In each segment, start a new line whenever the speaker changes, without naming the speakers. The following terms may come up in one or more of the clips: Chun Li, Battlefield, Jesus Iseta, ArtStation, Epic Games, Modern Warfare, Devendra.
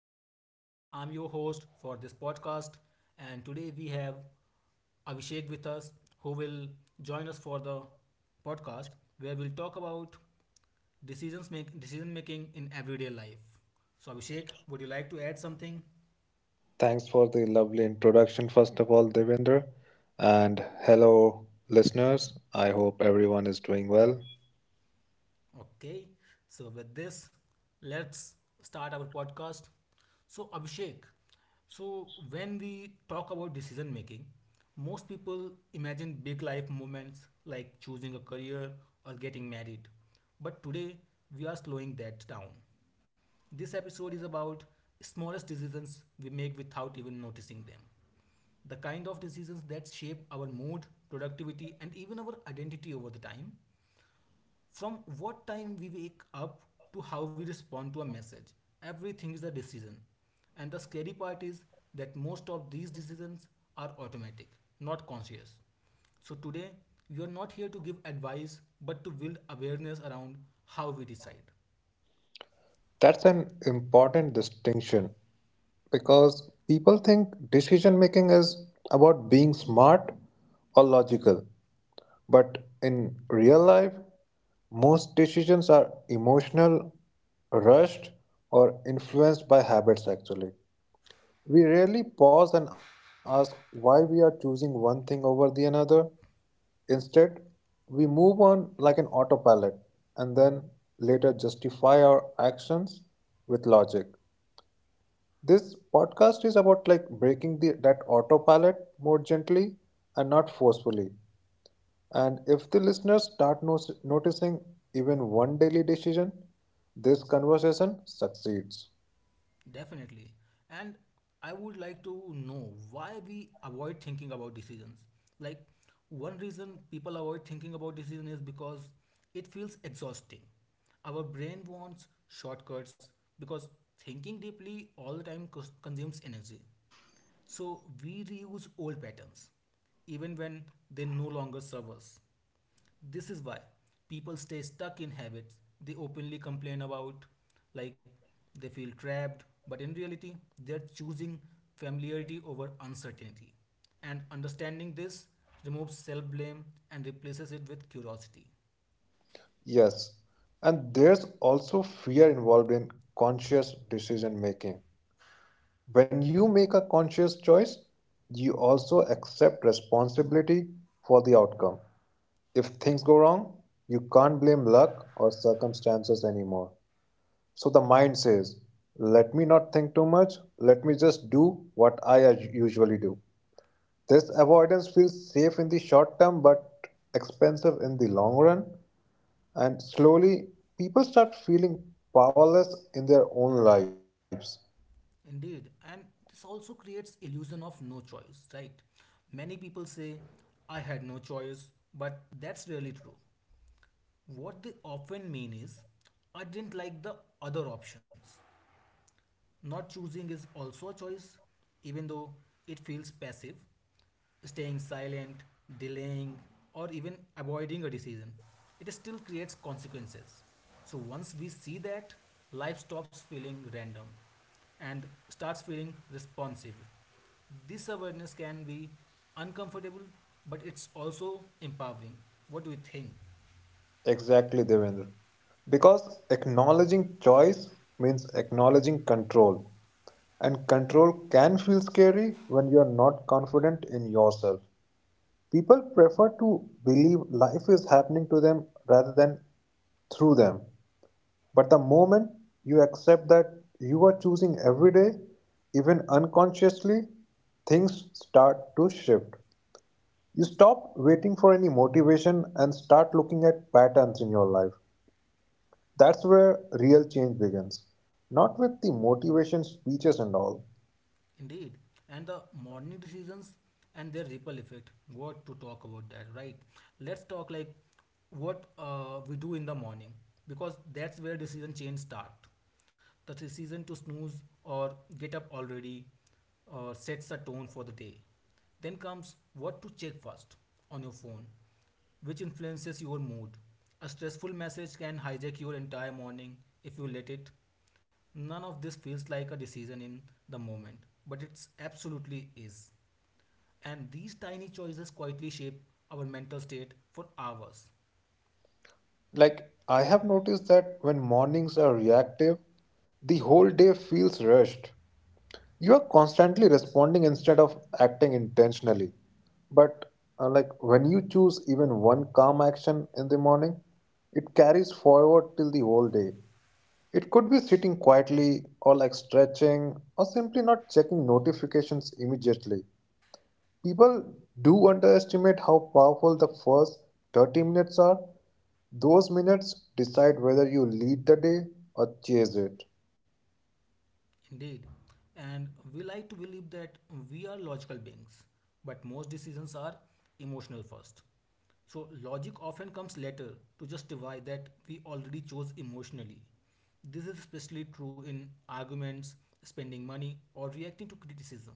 Devendra. I'm your host for this podcast, and today we have Abhishek with us, who will join us for the podcast, where we'll talk about decision making in everyday life. So, Abhishek, would you like to add something?
Thanks for the lovely introduction, first of all, Devendra. And hello, listeners. I hope everyone is doing well.
Okay, so with this, let's start our podcast. So, Abhishek, so when we talk about decision making, most people imagine big life moments like choosing a career or getting married. But today, we are slowing that down. This episode is about smallest decisions we make without even noticing them. The kind of decisions that shape our mood, productivity, and even our identity over the time from what time we wake up to how we respond to a message, everything is a decision. And the scary part is that most of these decisions are automatic, not conscious. So today, we are not here to give advice but to build awareness around how we decide.
That's an important distinction because people think decision making is about being smart or logical. But in real life, most decisions are emotional, rushed, or influenced by habits actually. We rarely pause and ask why we are choosing one thing over the another. Instead, we move on an autopilot and then later justify our actions with logic. This podcast is about breaking that autopilot more gently and not forcefully. And if the listeners start noticing even one daily decision, this conversation succeeds.
Definitely. And I would like to know why we avoid thinking about decisions. Like, one reason people avoid thinking about decisions is because it feels exhausting. Our brain wants shortcuts because thinking deeply all the time consumes energy. So, we reuse old patterns, even when they no longer serve us. This is why people stay stuck in habits they openly complain about, like they feel trapped, but in reality, they're choosing familiarity over uncertainty. And understanding this removes self blame and replaces it with curiosity.
Yes, and there's also fear involved in conscious decision making. When you make a conscious choice, you also accept responsibility for the outcome. If things go wrong, you can't blame luck or circumstances anymore. So the mind says, let me not think too much, let me just do what I usually do. This avoidance feels safe in the short term but expensive in the long run, and slowly, people start feeling powerless in their own lives.
Indeed, and this also creates illusion of no choice, right? Many people say, I had no choice, but that's really true. What they often mean is, I didn't like the other options. Not choosing is also a choice, even though it feels passive, staying silent, delaying, or even avoiding a decision. It still creates consequences. So once we see that, life stops feeling random and starts feeling responsive. This awareness can be uncomfortable, but it's also empowering. What do you think?
Exactly, Devendra. Because acknowledging choice means acknowledging control. And control can feel scary when you're not confident in yourself. People prefer to believe life is happening to them rather than through them. But the moment you accept that you are choosing every day, even unconsciously, things start to shift. You stop waiting for any motivation and start looking at patterns in your life. That's where real change begins. Not with the motivation speeches and all.
Indeed, and the morning decisions and their ripple effect. What to talk about that, right? Let's talk like what we do in the morning because that's where decision change start. The decision to snooze or get up already sets a tone for the day. Then comes what to check first on your phone, which influences your mood. A stressful message can hijack your entire morning if you let it. None of this feels like a decision in the moment, but it absolutely is. And these tiny choices quietly shape our mental state for hours.
Like, I have noticed that when mornings are reactive, the whole day feels rushed. You are constantly responding instead of acting intentionally. But, when you choose even one calm action in the morning, it carries forward till the whole day. It could be sitting quietly or like stretching or simply not checking notifications immediately. People do underestimate how powerful the first 30 minutes are. Those minutes decide whether you lead the day or chase it.
Indeed. And we like to believe that we are logical beings, but most decisions are emotional first. So, logic often comes later to justify that we already chose emotionally. This is especially true in arguments, spending money, or reacting to criticism.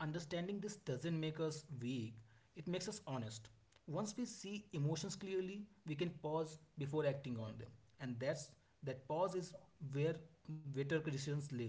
Understanding this doesn't make us weak, it makes us honest. Once we see emotions clearly, we can pause before acting on them. And that pause is where better decisions live.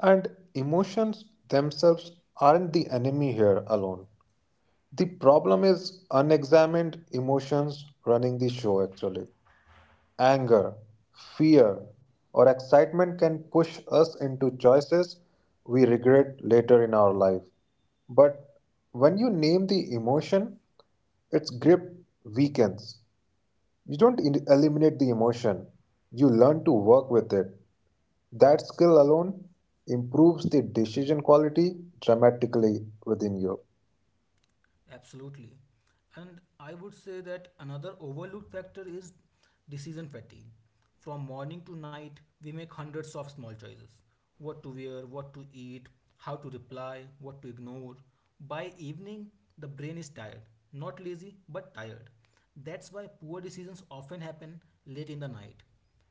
And emotions themselves aren't the enemy here alone. The problem is unexamined emotions running the show actually. Anger, fear, or excitement can push us into choices we regret later in our life. But when you name the emotion, its grip weakens. You don't eliminate the emotion, you learn to work with it. That skill alone improves the decision quality dramatically within you.
Absolutely. And I would say that another overlooked factor is decision fatigue. From morning to night, we make hundreds of small choices what to wear, what to eat, how to reply, what to ignore. By evening, the brain is tired, not lazy, but tired. That's why poor decisions often happen late in the night.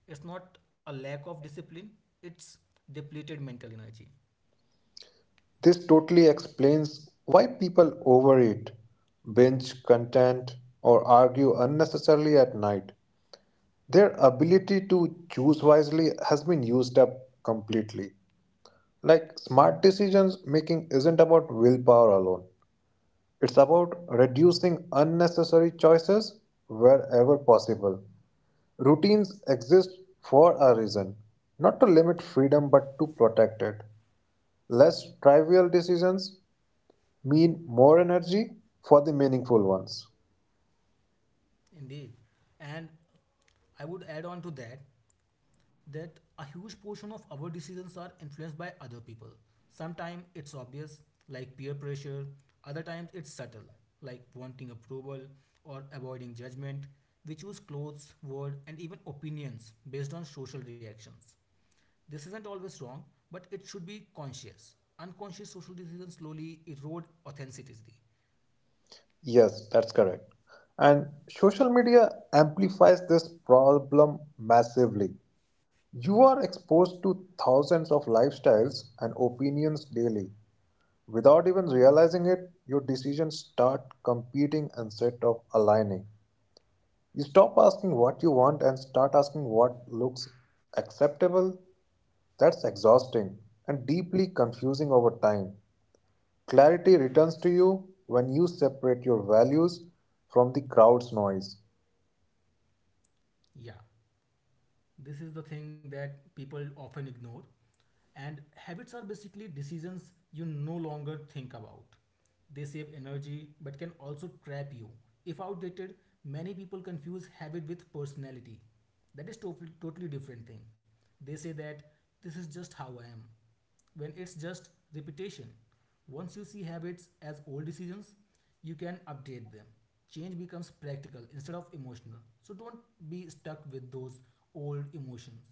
It's not a lack of discipline, it's depleted mental energy.
This totally explains why people overeat, binge content, or argue unnecessarily at night. Their ability to choose wisely has been used up completely. Like smart decisions making isn't about willpower alone, it's about reducing unnecessary choices wherever possible. Routines exist for a reason, not to limit freedom but to protect it. Less trivial decisions mean more energy for the meaningful ones.
Indeed. And I would add on to that that a huge portion of our decisions are influenced by other people. Sometimes it's obvious, like peer pressure, other times it's subtle, like wanting approval or avoiding judgment. We choose clothes, words, and even opinions based on social reactions. This isn't always wrong, but it should be conscious. Unconscious social decisions slowly erode authenticity.
Yes, that's correct. And social media amplifies this problem massively. You are exposed to thousands of lifestyles and opinions daily. Without even realizing it, your decisions start competing instead of aligning. You stop asking what you want and start asking what looks acceptable. That's exhausting and deeply confusing over time. Clarity returns to you when you separate your values from the crowd's noise.
Yeah, this is the thing that people often ignore. And habits are basically decisions you no longer think about. They save energy but can also trap you. If outdated, many people confuse habit with personality. That is totally different thing. They say that this is just how I am. When it's just repetition. Once you see habits as old decisions, you can update them. Change becomes practical instead of emotional. So don't be stuck with those old emotions.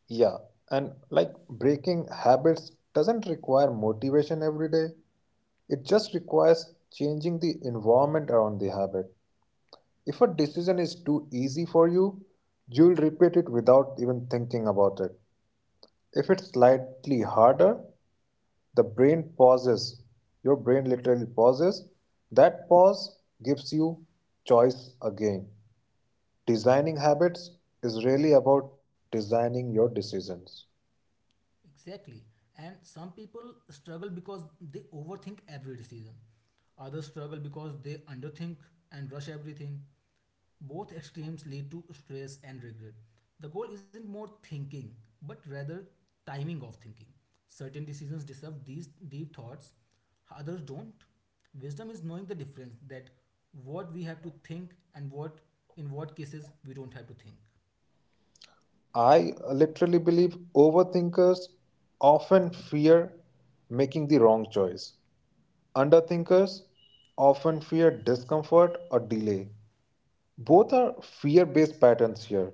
Yeah, and like breaking habits doesn't require motivation every day, it just requires changing the environment around the habit. If a decision is too easy for you, you'll repeat it without even thinking about it. If it's slightly harder, the brain pauses. Your brain literally pauses. That pause gives you choice again. Designing habits is really about designing your decisions.
Exactly. And some people struggle because they overthink every decision. Others struggle because they underthink and rush everything. Both extremes lead to stress and regret. The goal isn't more thinking, but rather timing of thinking. Certain decisions deserve these deep thoughts, others don't. Wisdom is knowing the difference that what we have to think and what in what cases we don't have to think.
I literally believe overthinkers often fear making the wrong choice. Underthinkers often fear discomfort or delay. Both are fear based patterns here,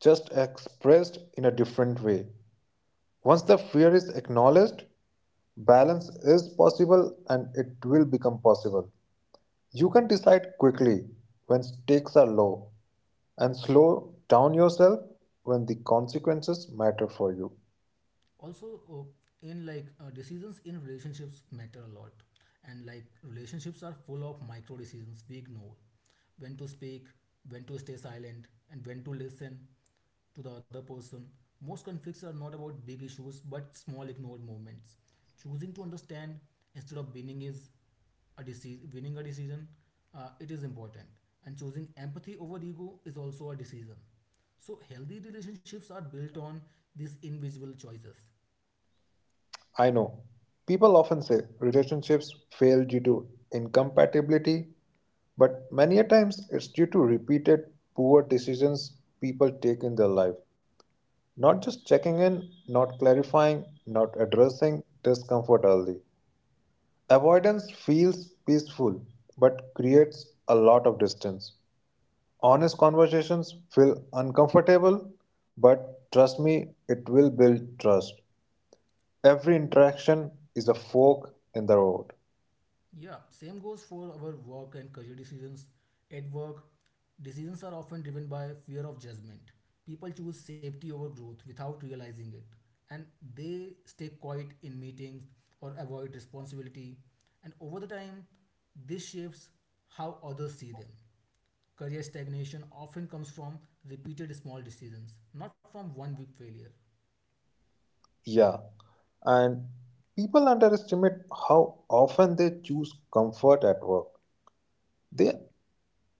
just expressed in a different way. Once the fear is acknowledged, balance is possible and it will become possible. You can decide quickly when stakes are low and slow down yourself when the consequences matter for you.
Also in like decisions in relationships matter a lot, and like relationships are full of micro decisions we ignore, when to speak, when to stay silent, and when to listen to the other person. Most conflicts are not about big issues but small ignored moments. Choosing to understand instead of winning is a decision, winning a decision, it is important. And choosing empathy over ego is also a decision. So healthy relationships are built on these invisible choices.
I know people often say relationships fail due to incompatibility, but many a times it's due to repeated poor decisions people take in their life. Not just checking in, not clarifying, not addressing discomfort early. Avoidance feels peaceful but creates a lot of distance. Honest conversations feel uncomfortable, but trust me, it will build trust. Every interaction is a fork in the road.
Yeah, same goes for our work and career decisions. At work, decisions are often driven by fear of judgment. People choose safety over growth without realizing it, and they stay quiet in meetings or avoid responsibility. And over the time, this shapes how others see them. Career stagnation often comes from repeated small decisions, not from one big failure.
Yeah, and people underestimate how often they choose comfort at work. They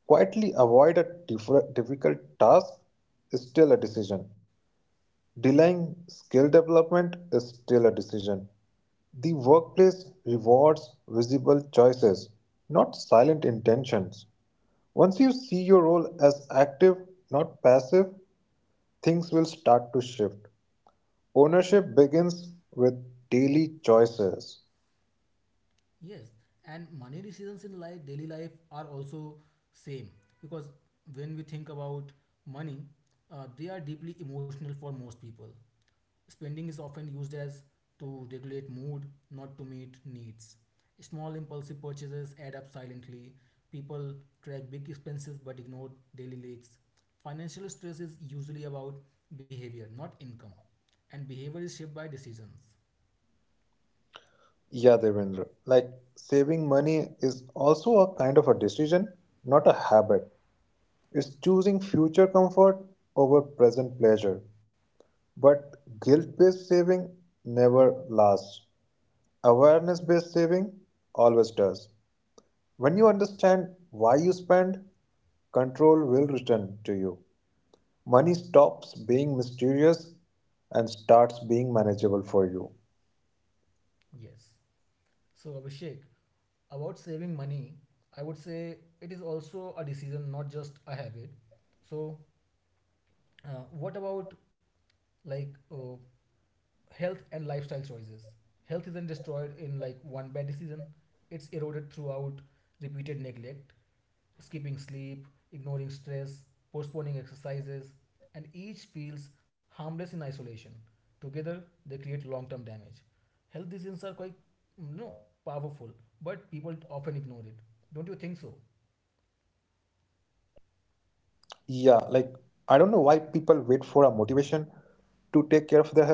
quietly avoid a difficult task is still a decision. Delaying skill development is still a decision. The workplace rewards visible choices, not silent intentions. Once you see your role as active, not passive, things will start to shift. Ownership begins with daily choices.
Yes, and money decisions in life, daily life are also same because when we think about money, they are deeply emotional for most people. Spending is often used as to regulate mood, not to meet needs. Small impulsive purchases add up silently. People track big expenses but ignore daily leaks. Financial stress is usually about behavior, not income, and behavior is shaped by decisions.
Yeah, Devendra. Like saving money is also a kind of a decision, not a habit. It's choosing future comfort over present pleasure. But guilt based saving never lasts. Awareness based saving always does. When you understand why you spend, control will return to you. Money stops being mysterious and starts being manageable for you.
Yes. So, Abhishek, about saving money, I would say it is also a decision, not just a habit. So, what about like health and lifestyle choices? Health isn't destroyed in like one bad decision. It's eroded throughout repeated neglect, skipping sleep, ignoring stress, postponing exercises, and each feels harmless in isolation. Together, they create long-term damage. Health decisions are quite, you know, powerful, but people often ignore it. Don't you think so?
Yeah, like I don't know why people wait for a motivation to take care of their health,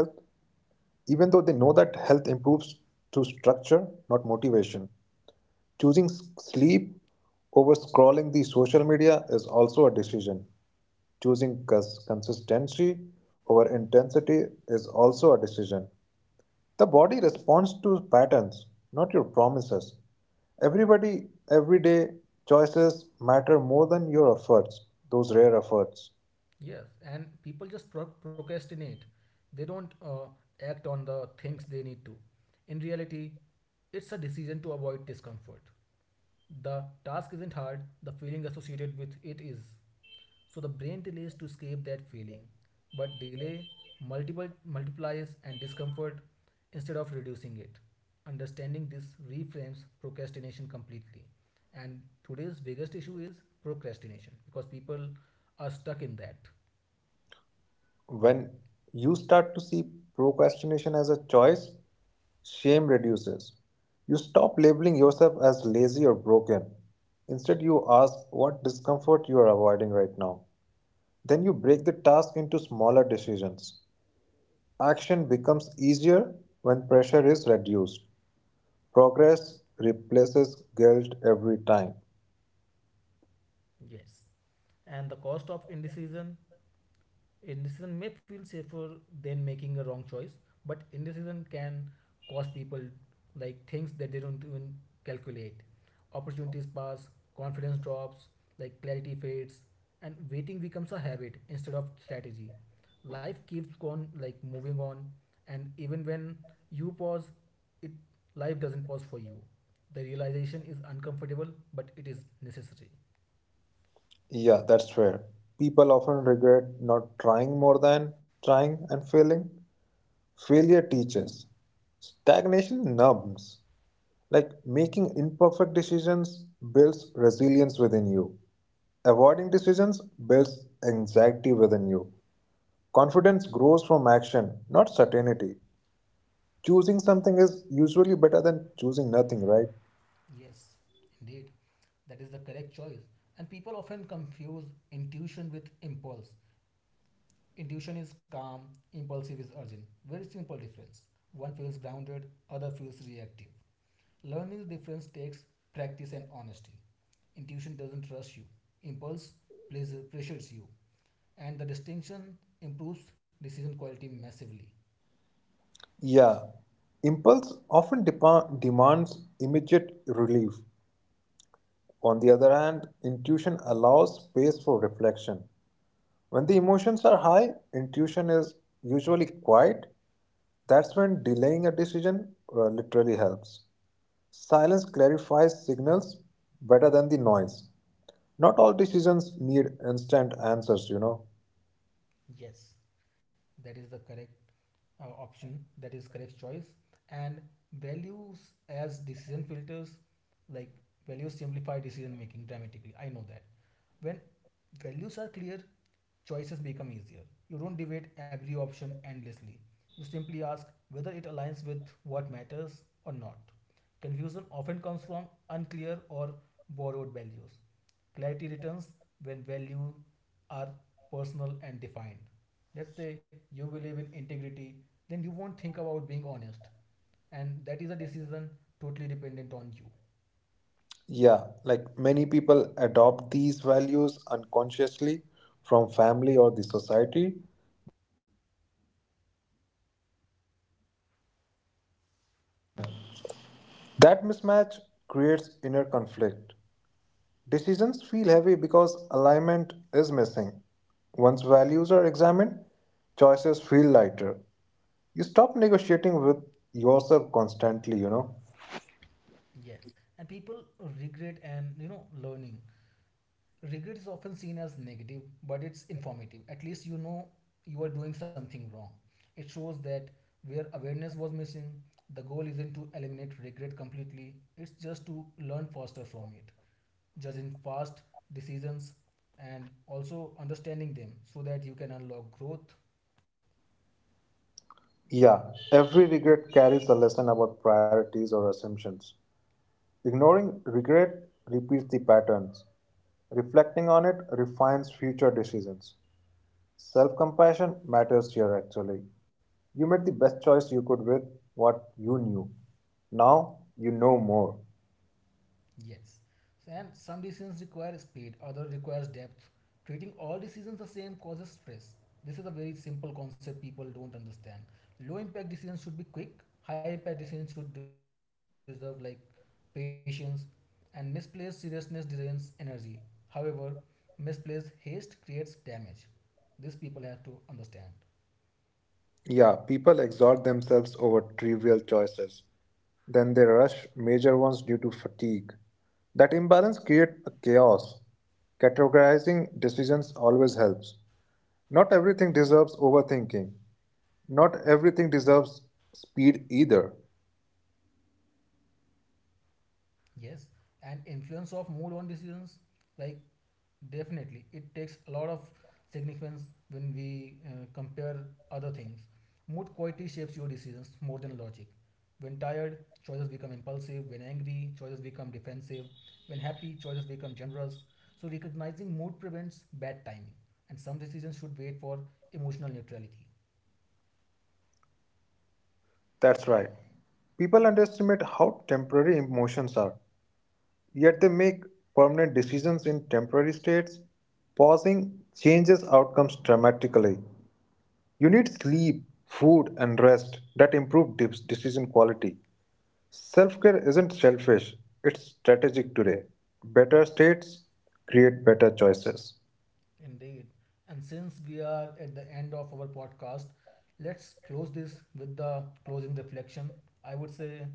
even though they know that health improves through structure, not motivation. Choosing sleep over scrolling the social media is also a decision. Choosing consistency over intensity is also a decision. The body responds to patterns, not your promises. Everybody, everyday choices matter more than your efforts, those rare efforts.
Yes, and people just procrastinate. They don't act on the things they need to. In reality, it's a decision to avoid discomfort. The task isn't hard, the feeling associated with it is. So the brain delays to escape that feeling. But delay multiple multiplies and discomfort instead of reducing it. Understanding this reframes procrastination completely. And today's biggest issue is procrastination because people are stuck in that.
When you start to see procrastination as a choice, shame reduces. You stop labeling yourself as lazy or broken. Instead, you ask what discomfort you are avoiding right now. Then you break the task into smaller decisions. Action becomes easier when pressure is reduced. Progress replaces guilt every time.
Yes. And the cost of indecision, indecision may feel safer than making a wrong choice, but indecision can cost people like things that they don't even calculate. Opportunities pass, confidence drops, like clarity fades, and waiting becomes a habit instead of strategy. Life keeps on like moving on, and even when you pause, it life doesn't pause for you. The realization is uncomfortable, but it is necessary.
Yeah, that's fair. People often regret not trying more than trying and failing. Failure teaches. Stagnation numbs. Like making imperfect decisions builds resilience within you. Avoiding decisions builds anxiety within you. Confidence grows from action, not certainty. Choosing something is usually better than choosing nothing, right?
Yes, indeed. That is the correct choice. And people often confuse intuition with impulse. Intuition is calm, impulsive is urgent. Very simple difference. One feels grounded, other feels reactive. Learning the difference takes practice and honesty. Intuition doesn't rush you. Impulse pressures you. And the distinction improves decision quality massively.
Yeah. Impulse often demands immediate relief. On the other hand, intuition allows space for reflection. When the emotions are high, intuition is usually quiet. That's when delaying a decision literally helps. Silence clarifies signals better than the noise. Not all decisions need instant answers, you know.
Yes, that is the correct option, that is correct choice. And values as decision filters, like values simplify decision making dramatically. I know that when values are clear, choices become easier. You don't debate every option endlessly. You simply ask whether it aligns with what matters or not. Confusion often comes from unclear or borrowed values. Clarity returns when values are personal and defined. Let's say you believe in integrity, then you won't think about being honest, and that is a decision totally dependent on you.
Yeah, like many people adopt these values unconsciously from family or the society. That mismatch creates inner conflict. Decisions feel heavy because alignment is missing. Once values are examined, choices feel lighter. You stop negotiating with yourself constantly, you know.
Yes, and people regret and you know learning. Regret is often seen as negative, but it's informative. At least you know you are doing something wrong. It shows that where awareness was missing, the goal isn't to eliminate regret completely, it's just to learn faster from it, judging fast decisions and also understanding them so that you can unlock growth.
Yeah, every regret carries a lesson about priorities or assumptions. Ignoring regret repeats the patterns. Reflecting on it refines future decisions. Self compassion matters here actually. You made the best choice you could with what you knew. Now you know more.
Yes. So, and some decisions require speed, other requires depth. Treating all decisions the same causes stress. This is a very simple concept people don't understand. Low impact decisions should be quick, high impact decisions should deserve like patience, and misplaced seriousness drains energy. However, misplaced haste creates damage. This people have to understand.
Yeah, people exalt themselves over trivial choices. Then they rush major ones due to fatigue. That imbalance creates a chaos. Categorizing decisions always helps. Not everything deserves overthinking. Not everything deserves speed either.
Yes, and influence of mood on decisions, like definitely, it takes a lot of significance when we compare other things. Mood quality shapes your decisions more than logic. When tired, choices become impulsive. When angry, choices become defensive. When happy, choices become generous. So, recognizing mood prevents bad timing, and some decisions should wait for emotional neutrality.
That's right. People underestimate how temporary emotions are. Yet they make permanent decisions in temporary states, pausing changes outcomes dramatically. You need sleep, food, and rest that improve decision quality. Self care isn't selfish, it's strategic today. Better states create better choices.
Indeed. And since we are at the end of our podcast, let's close this with the closing reflection. I would say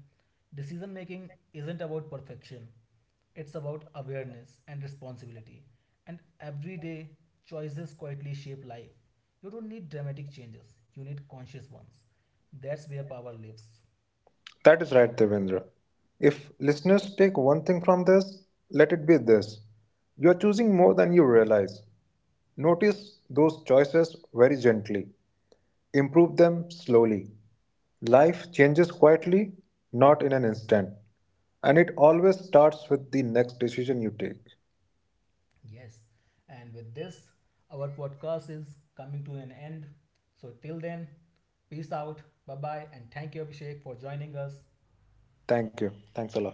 decision making isn't about perfection, it's about awareness and responsibility. And everyday choices quietly shape life. You don't need dramatic changes, you need conscious ones. That's where power lives.
That is right, Devendra. If listeners take one thing from this, let it be this: you are choosing more than you realize. Notice those choices very gently. Improve them slowly. Life changes quietly, not in an instant. And it always starts with the next decision you take.
Yes. And with this, our podcast is coming to an end. So till then, peace out. Bye bye. And thank you, Abhishek, for joining us.
Thank you. Thanks a lot.